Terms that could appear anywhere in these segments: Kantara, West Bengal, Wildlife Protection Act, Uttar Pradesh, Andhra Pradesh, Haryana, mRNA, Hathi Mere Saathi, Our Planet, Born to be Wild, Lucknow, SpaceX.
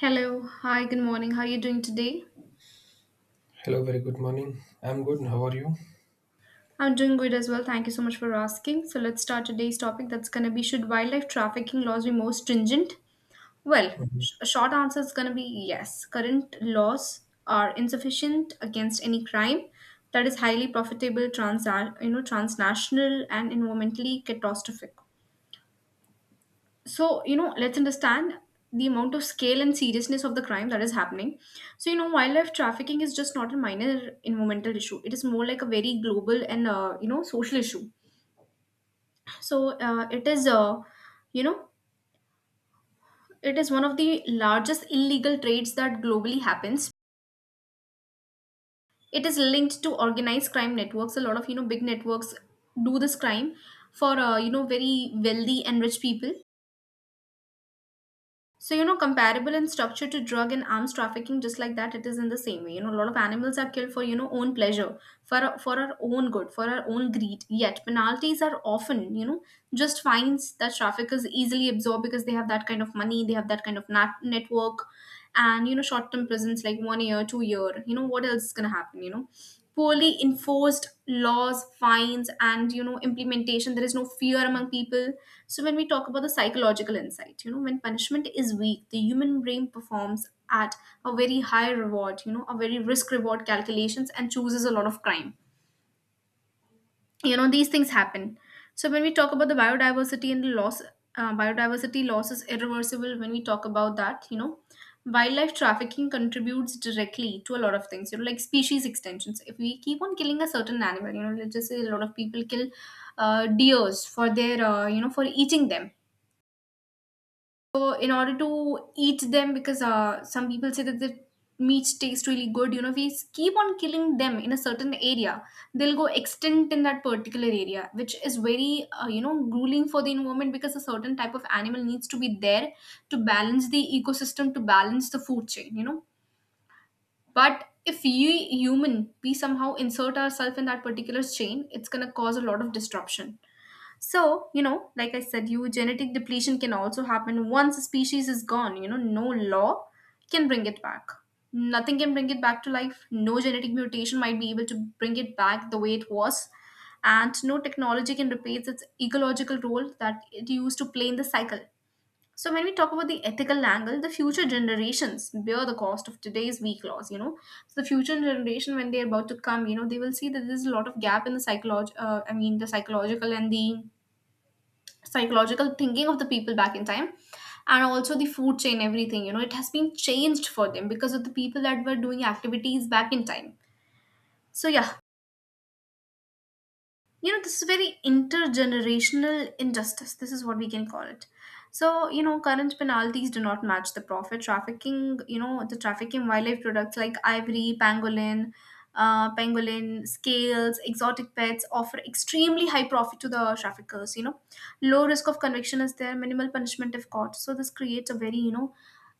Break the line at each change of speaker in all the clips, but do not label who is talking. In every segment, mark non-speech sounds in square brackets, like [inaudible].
Hello, hi, good morning. How are you doing today?
Hello, very good morning. I'm good. How are you?
I'm doing good as well. Thank you so much for asking. So, let's start today's topic that's going to be, should wildlife trafficking laws be more stringent? Well,
Mhm.
a short answer is going to be yes. Current laws are insufficient against any crime that is highly profitable, transnational, and environmentally catastrophic. So, you know, let's understand the amount of scale and seriousness of the crime that is happening. So, you know, wildlife trafficking is just not a minor environmental issue. It is more like a very global and you know, social issue. So you know it is one of the largest illegal trades that globally happens. It is linked to organized crime networks. A lot of, you know, big networks do this crime for you know, very wealthy and rich people. So, you know, comparable in structure to drug and arms trafficking, just like that, it is in the same way. You know, a lot of animals are killed for, you know, own pleasure, for our own good, for our own greed. Yet, penalties are often, you know, just fines that traffickers easily absorb because they have that kind of money, they have that kind of network, and you know, short term prisons like 1 year, 2 year. You know, what else is going to happen? You know, poorly enforced laws, fines, and you know, implementation. There is no fear among people. So when we talk about the psychological insight, you know, when punishment is weak, the human brain performs at a very high reward, you know, a very risk reward calculations, and chooses a lot of crime. You know, these things happen. So when we talk about the biodiversity and the loss, biodiversity loss is irreversible. When we talk about that, you know, wildlife trafficking contributes directly to a lot of things, you know, like species extensions. If we keep on killing a certain animal, you know, let's just say a lot of people kill deers for their you know, for eating them. So in order to eat them, because some people say that the meat tastes really good, you know, if we keep on killing them in a certain area, they'll go extinct in that particular area, which is very, you know, grueling for the environment, because a certain type of animal needs to be there to balance the ecosystem, to balance the food chain, you know. But if you human, we somehow insert ourselves in that particular chain, it's gonna cause a lot of disruption. So, you know, like I said, you, genetic depletion can also happen once a species is gone. You know, no law can bring it back. Nothing can bring it back to life. No genetic mutation might be able to bring it back the way it was. And no technology can replace its ecological role that it used to play in the cycle. So, when we talk about the ethical angle, the future generations bear the cost of today's weak laws. You know, so the future generation, when they're about to come, you know, they will see that there's a lot of gap in the psycholog. I mean, the psychological and the psychological thinking of the people back in time, and also the food chain, everything, you know, it has been changed for them because of the people that were doing activities back in time. So yeah, you know, this is very intergenerational injustice. This is what we can call it. So, you know, current penalties do not match the profit trafficking. You know, the trafficking wildlife products like ivory, pangolin, pangolin scales, exotic pets offer extremely high profit to the traffickers. You know, low risk of conviction is there, minimal punishment if caught. So this creates a very, you know,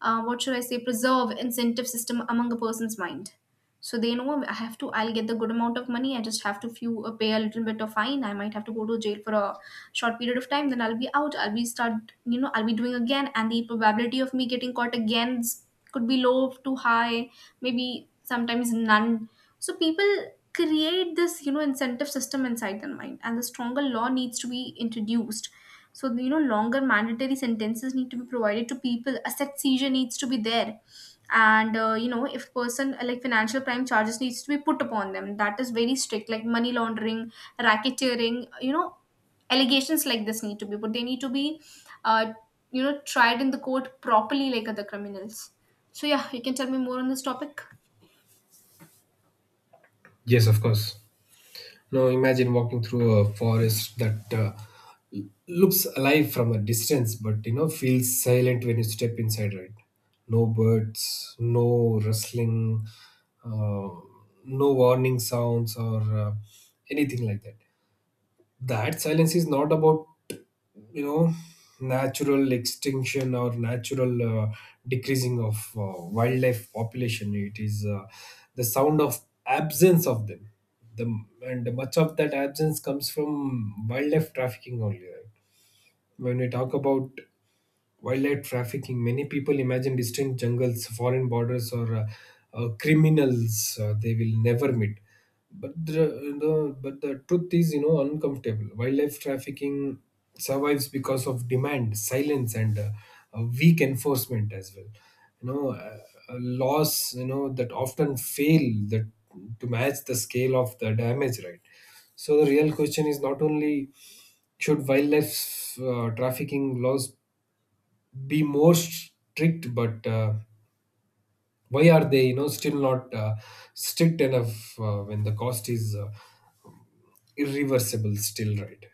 what should I say, preserve incentive system among a person's mind. So they know, I have to, I'll get the good amount of money, I just have to few, pay a little bit of fine, I might have to go to jail for a short period of time, then I'll be out, I'll be start, you know, I'll be doing again, and the probability of me getting caught again is- could be low to high, maybe sometimes none. So people create this, you know, incentive system inside their mind, and the stronger law needs to be introduced. So, you know, longer mandatory sentences need to be provided to people, asset seizure needs to be there, and you know, if person like financial crime charges needs to be put upon them, that is very strict, like money laundering, racketeering, you know, allegations like this need to be, but they need to be uh, you know, tried in the court properly like other criminals. So yeah, you can tell me more on this topic.
Yes, of course. Now imagine walking through a forest that l- looks alive from a distance, but feels silent when you step inside. Right? No birds, no rustling, uh, no warning sounds or uh, anything like that. That silence is not about you know natural extinction or natural decreasing of wildlife population. It is the sound of absence of them the And much of that absence comes from wildlife trafficking only, right? When we talk about wildlife trafficking, many people imagine distant jungles, foreign borders, or criminals they will never meet. But the, but the truth is uncomfortable. Wildlife trafficking survives because of demand, silence, and weak enforcement as well. You know, uh, Laws that often fail that to match the scale of the damage, right? So the real question is not only, should wildlife trafficking laws be more strict, but why are they still not strict enough when the cost is irreversible, still right?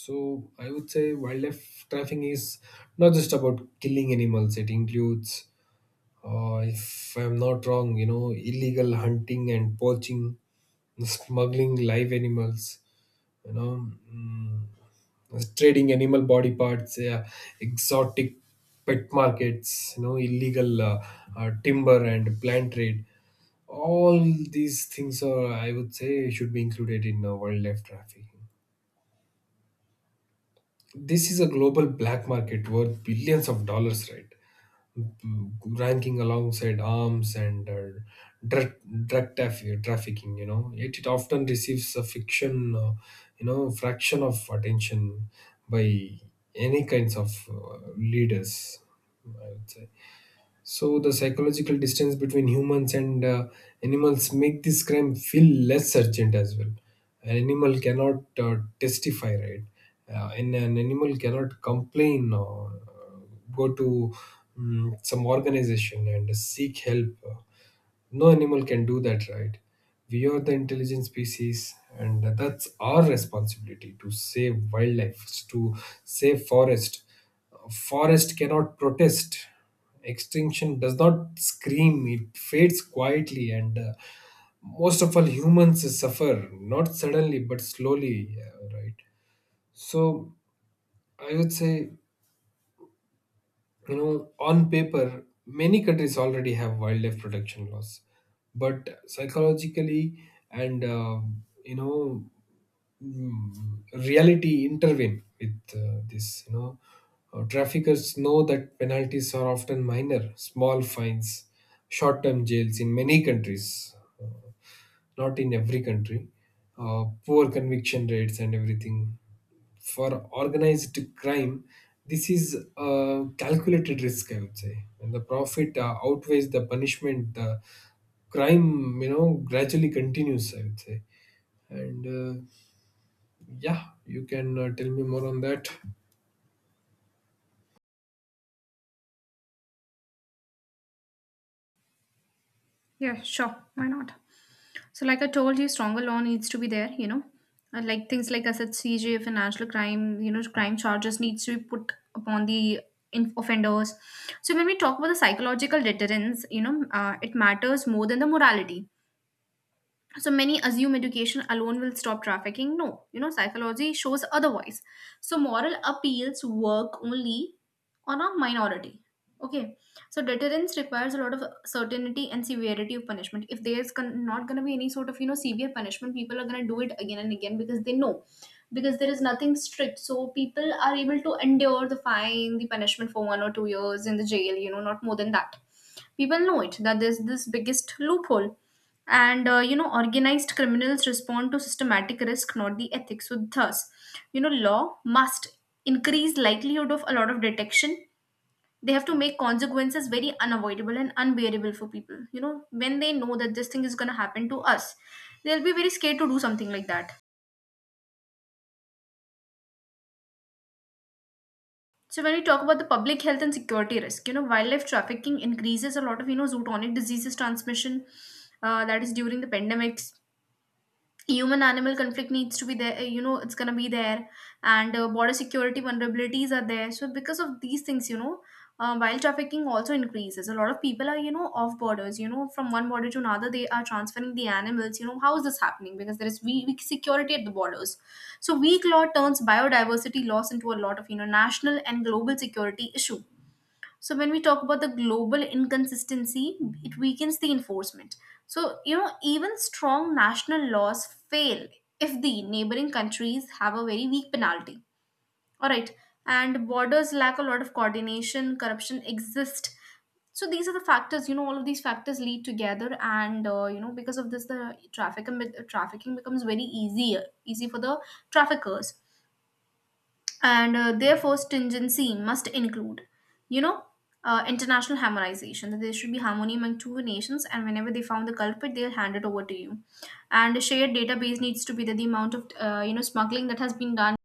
So I would say wildlife trafficking is not just about killing animals. It includes, if I'm not wrong, illegal hunting and poaching, smuggling live animals, you know mm, trading animal body parts, exotic pet markets, illegal timber and plant trade. All these things are, I would say, should be included in wildlife trafficking. This is a global black market worth billions of dollars, right? Ranking alongside arms and uh, drug, drug traf- trafficking, yet it often receives a fiction you know fraction of attention by any kinds of leaders, I would say. So the psychological distance between humans and animals make this crime feel less urgent as well. An animal cannot testify, right? And an animal cannot complain or go to some organization and seek help. No animal can do that, right? We are the intelligent species, and that's our responsibility to save wildlife, to save forest. Forest cannot protest. Extinction does not scream, it fades quietly, and most of all humans suffer not suddenly but slowly, right? So I would say, on paper, many countries already have wildlife protection laws, but psychologically and you know, reality intervene with this. Traffickers know that penalties are often minor, small fines, short-term jails in many countries. Uh, not in every country, poor conviction rates and everything. For organized crime, this is a calculated risk, I would say. When the profit outweighs the punishment, the crime, gradually continues, I would say. And yeah, you can tell me more on that.
Yeah, sure. Why not? So, like I told you, stronger law needs to be there. You know, like things like I said, CJ, financial crime, you know, crime charges needs to be put upon the offenders. So, when we talk about the psychological deterrence, you know, it matters more than the morality. So many assume education alone will stop trafficking. No, you know, psychology shows otherwise. So moral appeals work only on a minority. Okay, so deterrence requires a lot of certainty and severity of punishment. If there's not going to be any sort of, you know, severe punishment, people are going to do it again and again because they know, because there is nothing strict. So people are able to endure the fine, the punishment for 1 or 2 years in the jail. You know, not more than that. People know it that there's this biggest loophole, and you know, organized criminals respond to systematic risk, not the ethics. So thus, you know, law must increase likelihood of a lot of detection. They have to make consequences very unavoidable and unbearable for people. You know, when they know that this thing is going to happen to us, they'll be very scared to do something like that. So when we talk about the public health and security risk, you know, wildlife trafficking increases a lot of, you know, zootonic diseases transmission, that is during the pandemics. Human animal conflict needs to be there, you know, it's going to be there, and border security vulnerabilities are there. So because of these things, you know, while trafficking also increases, a lot of people are, you know, off borders, you know, from one border to another they are transferring the animals. You know, how is this happening? Because there is weak security at the borders. So weak law turns biodiversity loss into a lot of, you know, national and global security issue. So when we talk about the global inconsistency, it weakens the enforcement. So, you know, even strong national laws fail if the neighboring countries have a very weak penalty. All right. And borders lack a lot of coordination, corruption exists. So these are the factors, you know, all of these factors lead together, and you know, because of this, the trafficking becomes very easier, easy for the traffickers, and therefore stringency must include, you know, international harmonization, that there should be harmony among two nations, and whenever they found the culprit they'll hand it over to you, and a shared database needs to be, that the amount of you know, smuggling that has been done,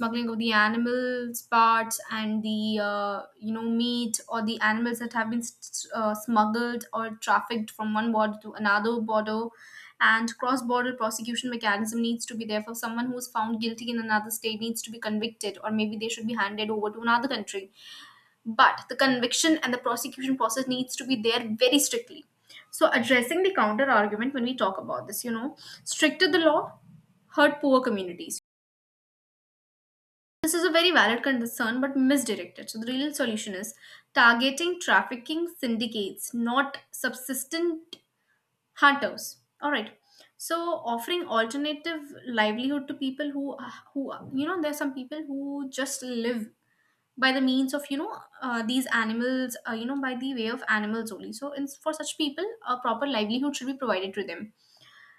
smuggling of the animals parts and the you know, meat, or the animals that have been smuggled or trafficked from one border to another border, and cross border prosecution mechanism needs to be there for someone who's found guilty in another state needs to be convicted, or maybe they should be handed over to another country. But the conviction and the prosecution process needs to be there very strictly. So addressing the counter argument, when we talk about this, you know, stricter the law hurt poor communities, this is a very valid concern but misdirected. So, the real solution is targeting trafficking syndicates, not subsistent hunters. All right. So, offering alternative livelihood to people who there are some people who just live by the means of these animals by the way of animals only. So for such people a proper livelihood should be provided to them,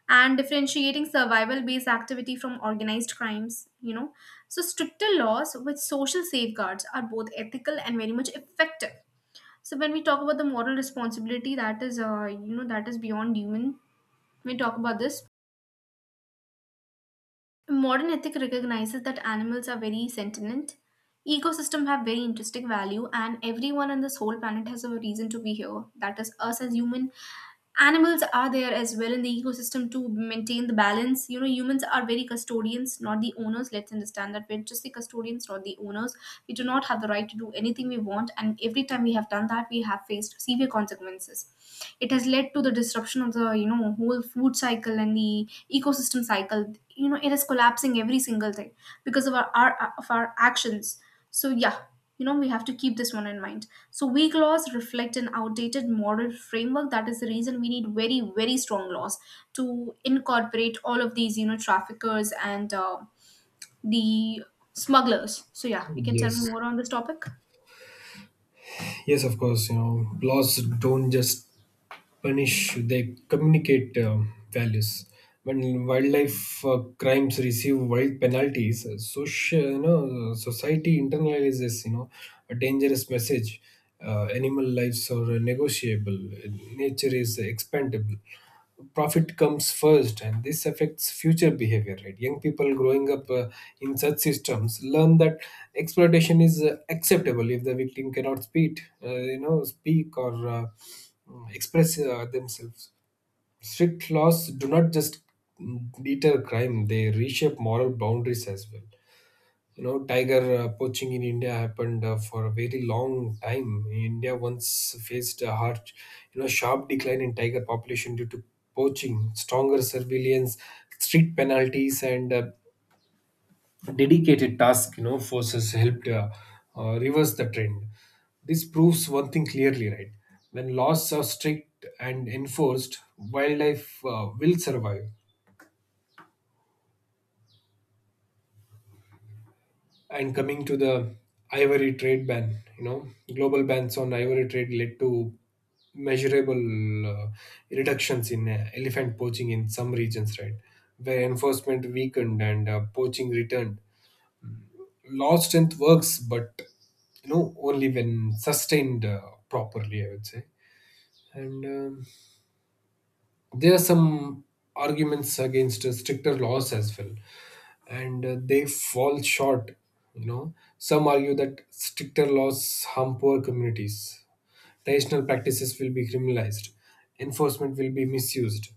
and differentiating survival based activity from organized crimes. So stricter laws with social safeguards are both ethical and very much effective. So when we talk about the moral responsibility, that is that is beyond human. When we talk about this, modern ethic recognizes that animals are very sentient, ecosystem have very intrinsic value, and everyone on this whole planet has a reason to be here, that is us as human. Animals are there as well in the ecosystem to maintain the balance. You know, humans are very custodians, not the owners. Let's understand that we're just the custodians, not the owners. We do not have the right to do anything we want, and every time we have done that, we have faced severe consequences. It has led to the disruption of the, you know, whole food cycle and the ecosystem cycle. You know, it is collapsing every single thing because of our actions. So, yeah, you know, we have to keep this one in mind. So, weak laws reflect an outdated moral framework. That is the reason we need very, very strong laws to incorporate all of these, you know, traffickers and the smugglers. So, yeah, you can tell me
Yes.
more on this topic.
Yes, of course, laws don't just punish, they communicate values. When wildlife crimes receive wild penalties, society internalizes, a dangerous message. Animal lives are negotiable. Nature is expandable. Profit comes first, and this affects future behavior, right? Young people growing up in such systems learn that exploitation is acceptable if the victim cannot speak you know speak or express themselves. Strict laws do not just deter crime, they reshape moral boundaries as well. Tiger poaching in India happened for a very long time. India once faced a hard you know sharp decline in tiger population due to poaching. Stronger surveillance, strict penalties, and dedicated task forces helped reverse the trend. This proves one thing clearly, right? When laws are strict and enforced, wildlife will survive. And coming to the ivory trade ban, global bans on ivory trade led to measurable reductions in elephant poaching in some regions, right? Where enforcement weakened and poaching returned. Law strength works, but only when sustained properly, I would say. And there are some arguments against stricter laws as well, and they fall short. Some argue that stricter laws harm poor communities, traditional practices will be criminalized, enforcement will be misused.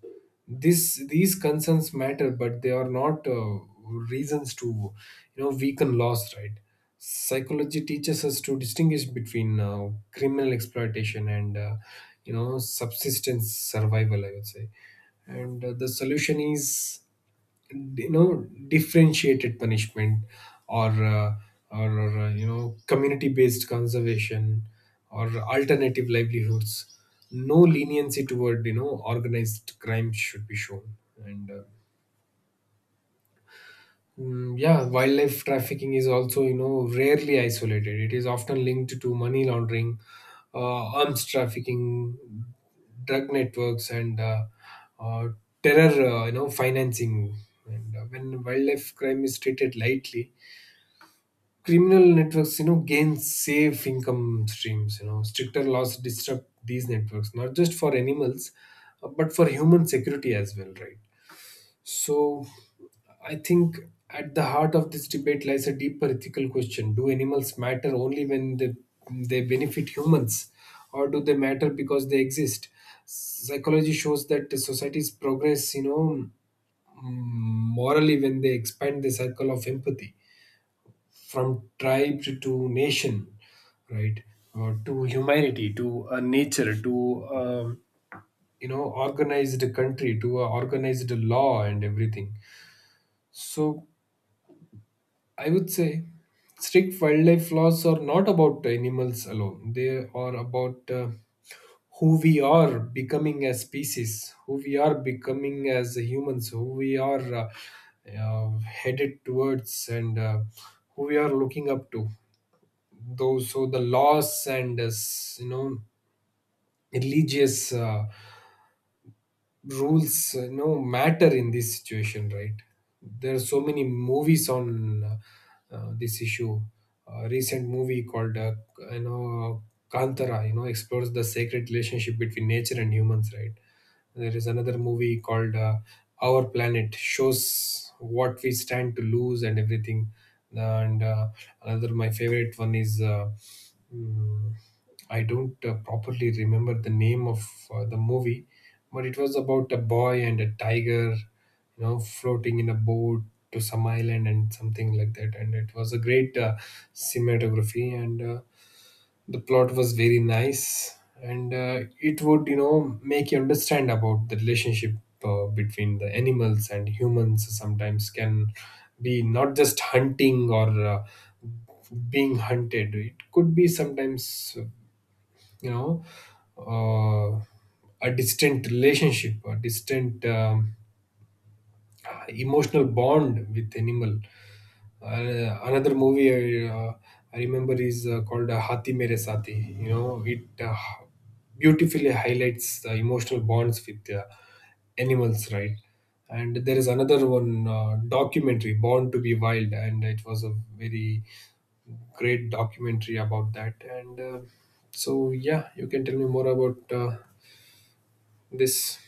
These concerns matter, but they are not reasons to weaken laws, right? Psychology teaches us to distinguish between criminal exploitation and subsistence survival, I would say. And the solution is you know differentiated punishment, or uh, or community based conservation, or alternative livelihoods. No leniency toward organized crime should be shown. And yeah, wildlife trafficking is also, rarely isolated. It is often linked to money laundering, arms trafficking, drug networks, and uh, terror, financing. And when wildlife crime is treated lightly, criminal networks, gain safe income streams. Stricter laws disrupt these networks, not just for animals, but for human security as well, right? So, I think at the heart of this debate lies a deeper ethical question. Do animals matter only when they benefit humans, or do they matter because they exist? Psychology shows that the societies progress, morally when they expand the circle of empathy from tribe to nation, right? Or to humanity, to nature, to organized country, to a organized law and everything. So I would say strict wildlife laws are not about animals alone. They are about who we are becoming as species, who we are becoming as humans, who we are headed towards, and who we are looking up to. Those so the laws and religious rules matter in this situation, right? There are so many movies on this issue. A recent movie called you know Kantara explores the sacred relationship between nature and humans, right? There is another movie called Our Planet, shows what we stand to lose and everything. And another, my favorite one is mm, I don't properly remember the name of the movie, but it was about a boy and a tiger, floating in a boat to some island and something like that. And it was a great cinematography, and the plot was very nice, and it would make you understand about the relationship between the animals and humans sometimes can be not just hunting or being hunted. It could be sometimes you know uh, a distant relationship, a distant emotional bond with animal. Another movie I remember is called Hathi Mere Saathi. It beautifully highlights the emotional bonds with animals, right? And there is another one documentary, Born to be Wild, and it was a very great documentary about that. And so, yeah, you can tell me more about this.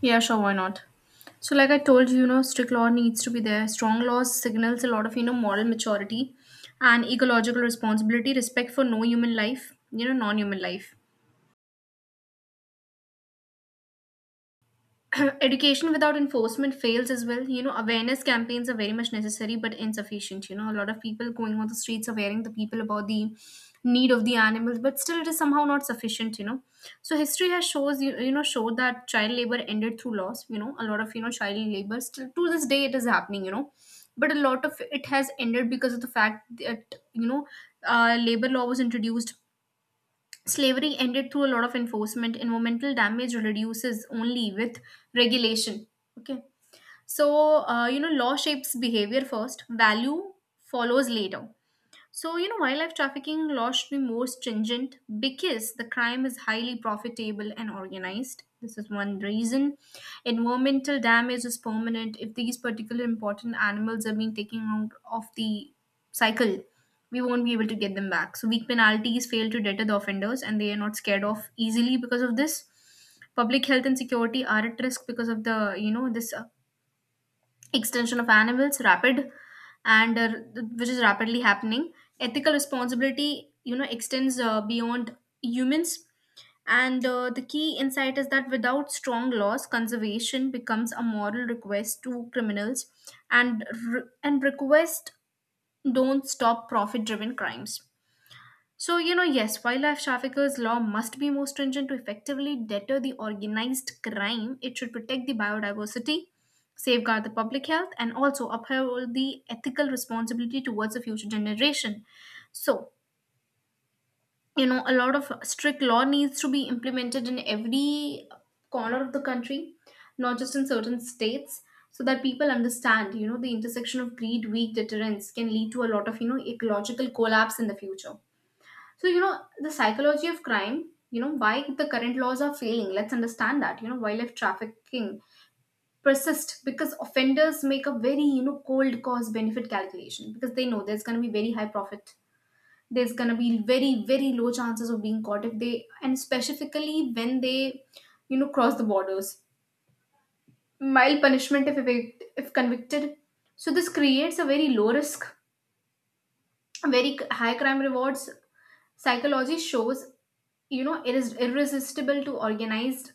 Yeah, sure, why not? So, like I told you, you know, strict law needs to be there. Strong laws signals a lot of, you know, moral maturity and ecological responsibility, respect for no human life, you know, non human life. [coughs] [clears throat] Education without enforcement fails as well, you know. Awareness campaigns are very much necessary but insufficient, you know. A lot of people going on the streets are wearing the people about the need of the animals, but still it is somehow not sufficient, you know. So history has shows you, you know showed that child labor ended through laws. You know, a lot of, you know, child labor still to this day it is happening, you know, but a lot of it has ended because of the fact that, you know, labor law was introduced. Slavery ended through a lot of enforcement. Environmental damage reduces only with regulation. Okay. So, you know, law shapes behavior first, value follows later. So, you know, wildlife trafficking laws should be more stringent because the crime is highly profitable and organized. This is one reason. Environmental damage is permanent if these particular important animals are being taken out of the cycle. We won't be able to get them back. So, weak penalties fail to deter the offenders and they are not scared off easily because of this. Public health and security are at risk because of the, you know, this extension of animals rapid and which is rapidly happening. Ethical responsibility, you know, extends beyond humans, and the key insight is that without strong laws conservation becomes a moral request to criminals, and request don't stop profit driven crimes. So, you know, yes, wildlife traffickers' law must be more stringent to effectively deter the organized crime. It should protect the biodiversity, safeguard the public health, and also uphold the ethical responsibility towards the future generation. So, you know, a lot of strict law needs to be implemented in every corner of the country, not just in certain states, so that people understand, you know, the intersection of greed, weak deterrence can lead to a lot of, you know, ecological collapse in the future. So, you know, the psychology of crime, you know, why the current laws are failing. Let's understand that. You know, wildlife trafficking persists because offenders make a very, you know, cold cost benefit calculation because they know there's going to be very high profit. There's going to be very, very low chances of being caught if they, and specifically when they, you know, cross the borders. Mild punishment if convicted. So, this creates a very low risk, high crime rewards. Psychology shows, you know, it is irresistible to organized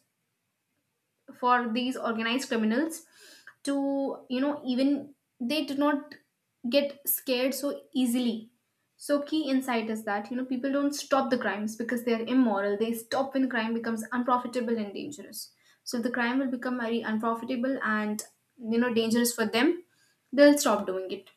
for these organized criminals to, you know, even they do not get scared so easily. So key insight is that, you know, people don't stop the crimes because they are immoral. They stop when crime becomes unprofitable and dangerous. So if the crime will become very unprofitable and, you know, dangerous for them, they'll stop doing it.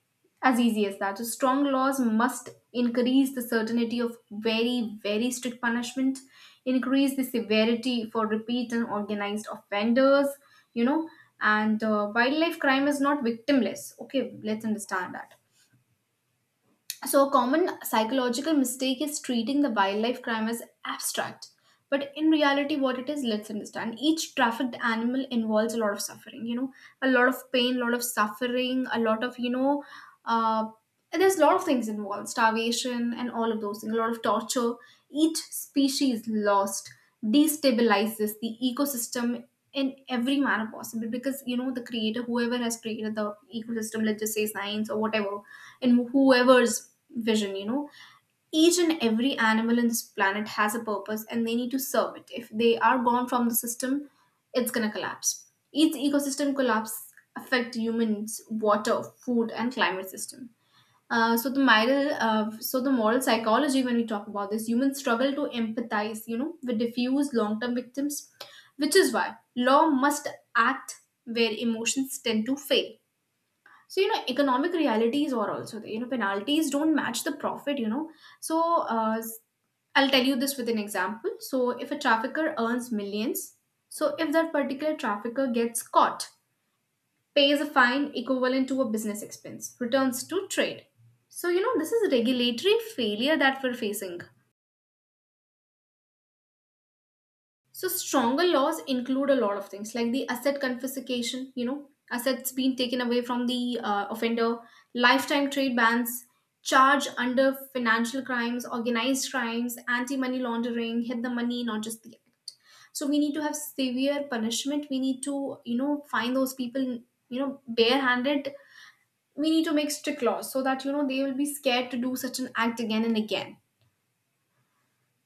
As easy as that. So strong laws must increase the certainty of very very strict punishment, increase the severity for repeat and organized offenders. You know, and wildlife crime is not victimless. Okay, let's understand that. So, a common psychological mistake is treating the wildlife crime as abstract. But in reality, what it is, let's understand. Each trafficked animal involves a lot of suffering, you know, a lot of pain, a lot of suffering, a lot of, you know, uh, there's a lot of things involved starvation and all of those things, a lot of torture. Each species lost destabilizes the ecosystem in every manner possible because, you know, the creator, whoever has created the ecosystem, let's just say science or whatever, in whoever's vision, you know. Each and every animal in this planet has a purpose and they need to serve it. If they are gone from the system, it's gonna collapse. Each ecosystem collapse affect humans, water, food, and climate system. So the moral psychology when we talk about this, humans struggle to empathize, you know, with diffuse long-term victims, which is why law must act where emotions tend to fail. So, you know, economic realities are also there. You know, penalties don't match the profit, you know. So, uh, s- I'll tell you this with an example. So, if a trafficker earns millions, so if that particular trafficker gets caught, pays a fine equivalent to a business expense, returns to trade. So, you know, this is regulatory failure that we're facing. So stronger laws include a lot of things like the asset confiscation, you know, assets being taken away from the offender, lifetime trade bans, charge under financial crimes, organized crimes, anti-money laundering, hit the money, not just the act. So we need to have severe punishment. We need to, you know, find those people, you know, barehanded. We need to make strict laws so that, you know, they will be scared to do such an act again and again.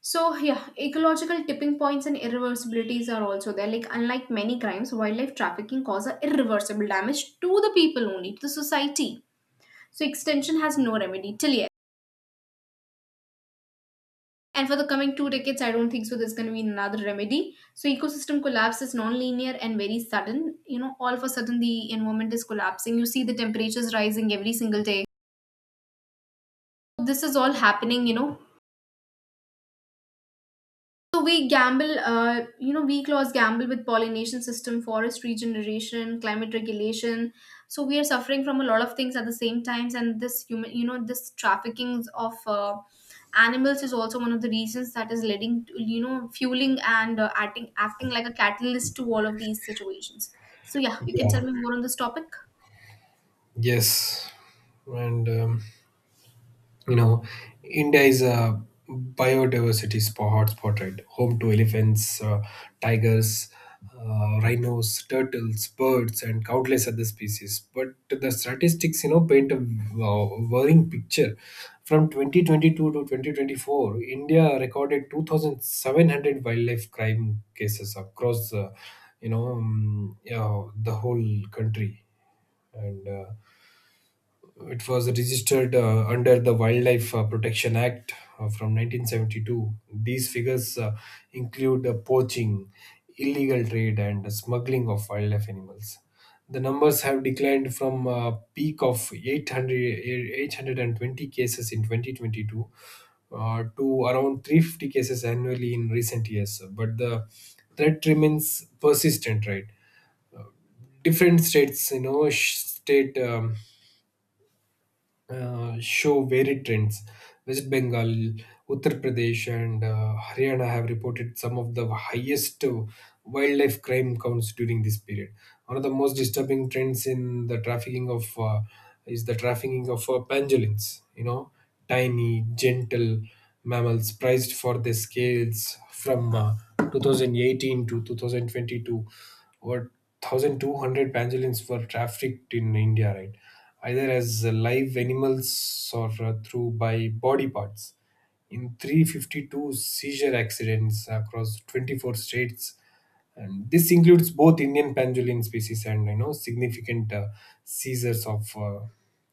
So, yeah, ecological tipping points and irreversibilities are also there. Like, unlike many crimes, wildlife trafficking causes irreversible damage to the people only, to the society. So, extension has no remedy till yet. And for the coming two decades, I don't think so there's going to be another remedy. So, ecosystem collapse is non-linear and very sudden. You know, all of a sudden the environment is collapsing. You see the temperatures rising every single day. This is all happening, you know. So we you know, we clause gamble with pollination system, forest regeneration, climate regulation. So we are suffering from a lot of things at the same times, and this human, you know, this trafficking of animals is also one of the reasons that is leading to, you know, fueling and acting like a catalyst to all of these situations. So yeah, you can tell
Yeah.
me more on this topic.
Yes. And um, you know india is a biodiversity hotspot, right? Home to elephants, tigers, rhinos, turtles, birds, and countless other species. But the statistics, paint a uh, worrying picture. From 2022 to 2024, India recorded 2700 wildlife crime cases across yeah, the whole country. And it was registered under the Wildlife Protection Act from 1972. These figures include poaching, illegal trade, and smuggling of wildlife animals. The numbers have declined from a peak of 800, 820 cases in 2022 to around 350 cases annually in recent years. But the threat remains persistent, right? Different states, you know, sh- state show varied trends. West Bengal, Uttar Pradesh, and Haryana have reported some of the highest wildlife crime counts during this period. One of the most disturbing trends in the trafficking of is the trafficking of pangolins. Tiny, gentle mammals prized for their scales from 2018 to 2022. Over 1,200 pangolins were trafficked in India, right? Either as live animals or through by body parts in 352 seizure accidents across 24 states, and this includes both Indian pendulum species and significant seizures of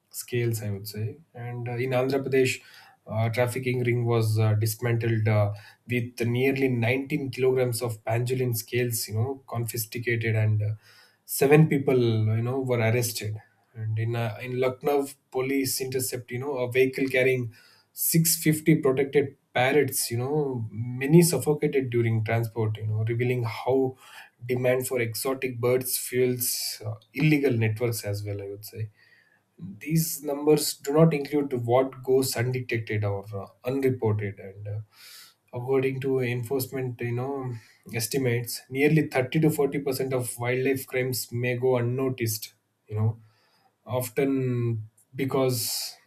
scales, I would say. And in Andhra Pradesh, trafficking ring was dismantled with nearly 19 kilograms of pendulum scales, confiscated, and seven people, were arrested. And in Lucknow, police intercept, a vehicle carrying 650 protected parrots. Many suffocated during transport, revealing how demand for exotic birds fuels illegal networks as well, I would say. These numbers do not include what goes undetected or unreported. And according to enforcement, estimates nearly 30 to 40% of wildlife crimes may go unnoticed, you know often because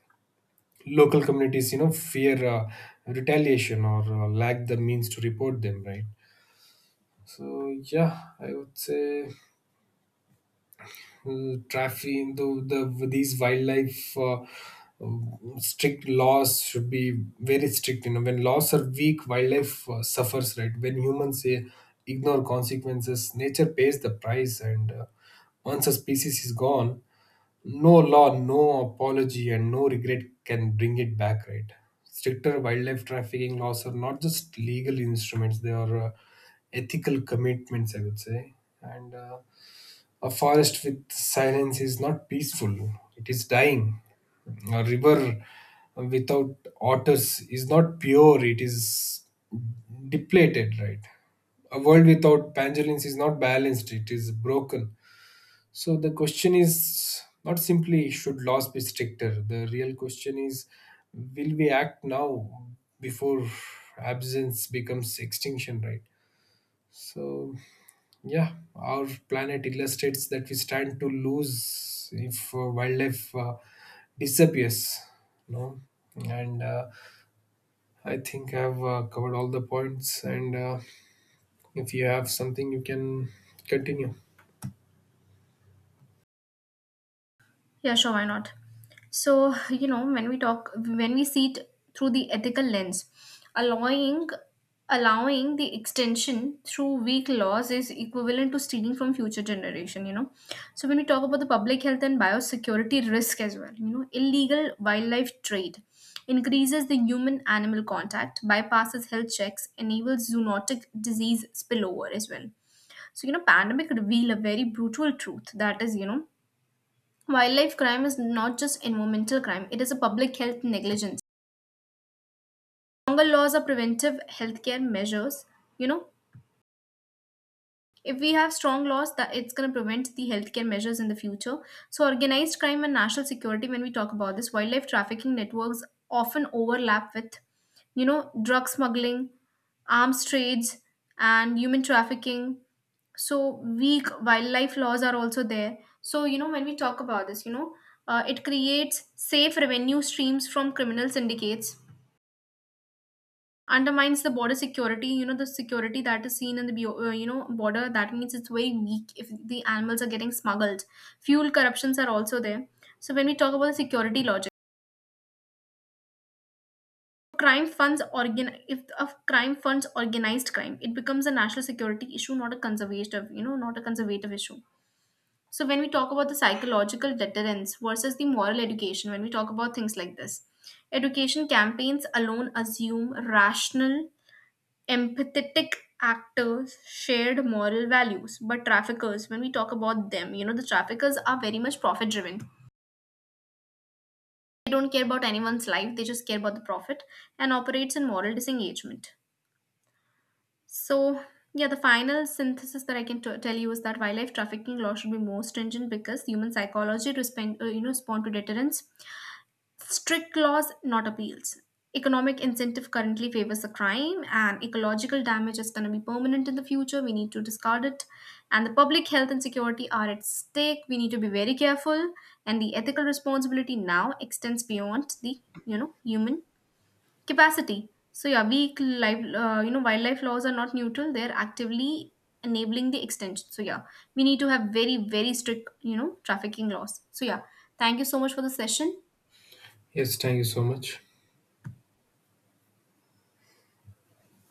local communities, fear retaliation or lack the means to report them, right? So yeah, I would say trafficking these wildlife strict laws should be very strict. When laws are weak, wildlife suffers, right? When humans say ignore consequences, nature pays the price. And once a species is gone, no law, no apology, and no regret can bring it back, right? Stricter wildlife trafficking laws are not just legal instruments, they are ethical commitments, I would say. And a forest with silence is not peaceful, it is dying. A river without otters is not pure, it is depleted, right? A world without pangolins is not balanced, it is broken. So the question is not simply, should laws be stricter? The real question is, will we act now before absence becomes extinction, right? So, yeah, our planet illustrates that we stand to lose if wildlife disappears. No, and I think I've covered all the points. And if you have something, you can continue.
Yeah, sure, why not? So, you know, when we see it through the ethical lens, allowing allowing the extension through weak laws is equivalent to stealing from future generation, you know. So when we talk about the public health and biosecurity risk as well, you know, illegal wildlife trade increases the human animal contact, bypasses health checks, enables zoonotic disease spillover as well. So, you know, pandemic reveal a very brutal truth, that is, you know, wildlife crime is not just environmental crime, it is a public health negligence. Stronger laws are preventive healthcare measures, you know. If we have strong laws, that it's going to prevent the healthcare measures in the future. So, organized crime and national security. When we talk about this, wildlife trafficking networks often overlap with, you know, drug smuggling, arms trades, and human trafficking. So, weak wildlife laws are also there. So, you know, when we talk about this, you know, it creates safe revenue streams from criminal syndicates, undermines the border security, you know, the security that is seen in the you know, border, that means it's very weak if the animals are getting smuggled. Fuel corruptions are also there. So when we talk about the security logic, crime funds organ if of crime funds organized crime, it becomes a national security issue, not a conservative, you know, not a conservative issue. So when we talk about the psychological deterrence versus the moral education, when we talk about things like this, education campaigns alone assume rational, empathetic actors, shared moral values, but traffickers, when we talk about them, you know, the traffickers are very much profit driven. They don't care about anyone's life, they just care about the profit, and operates in moral disengagement. So yeah, the final synthesis that I can tell you is that wildlife trafficking law should be more stringent because human psychology respond you know, respond to deterrence. Strict laws, not appeals. Economic incentive currently favors the crime, and ecological damage is going to be permanent in the future. We need to discard it. And the public health and security are at stake. We need to be very careful. And the ethical responsibility now extends beyond the, you know, human capacity. So yeah, weak life you know, wildlife laws are not neutral. They're actively enabling the extension. So yeah, we need to have very very strict, you know, trafficking laws. So yeah, thank you so much for the session.
Yes, thank you so much.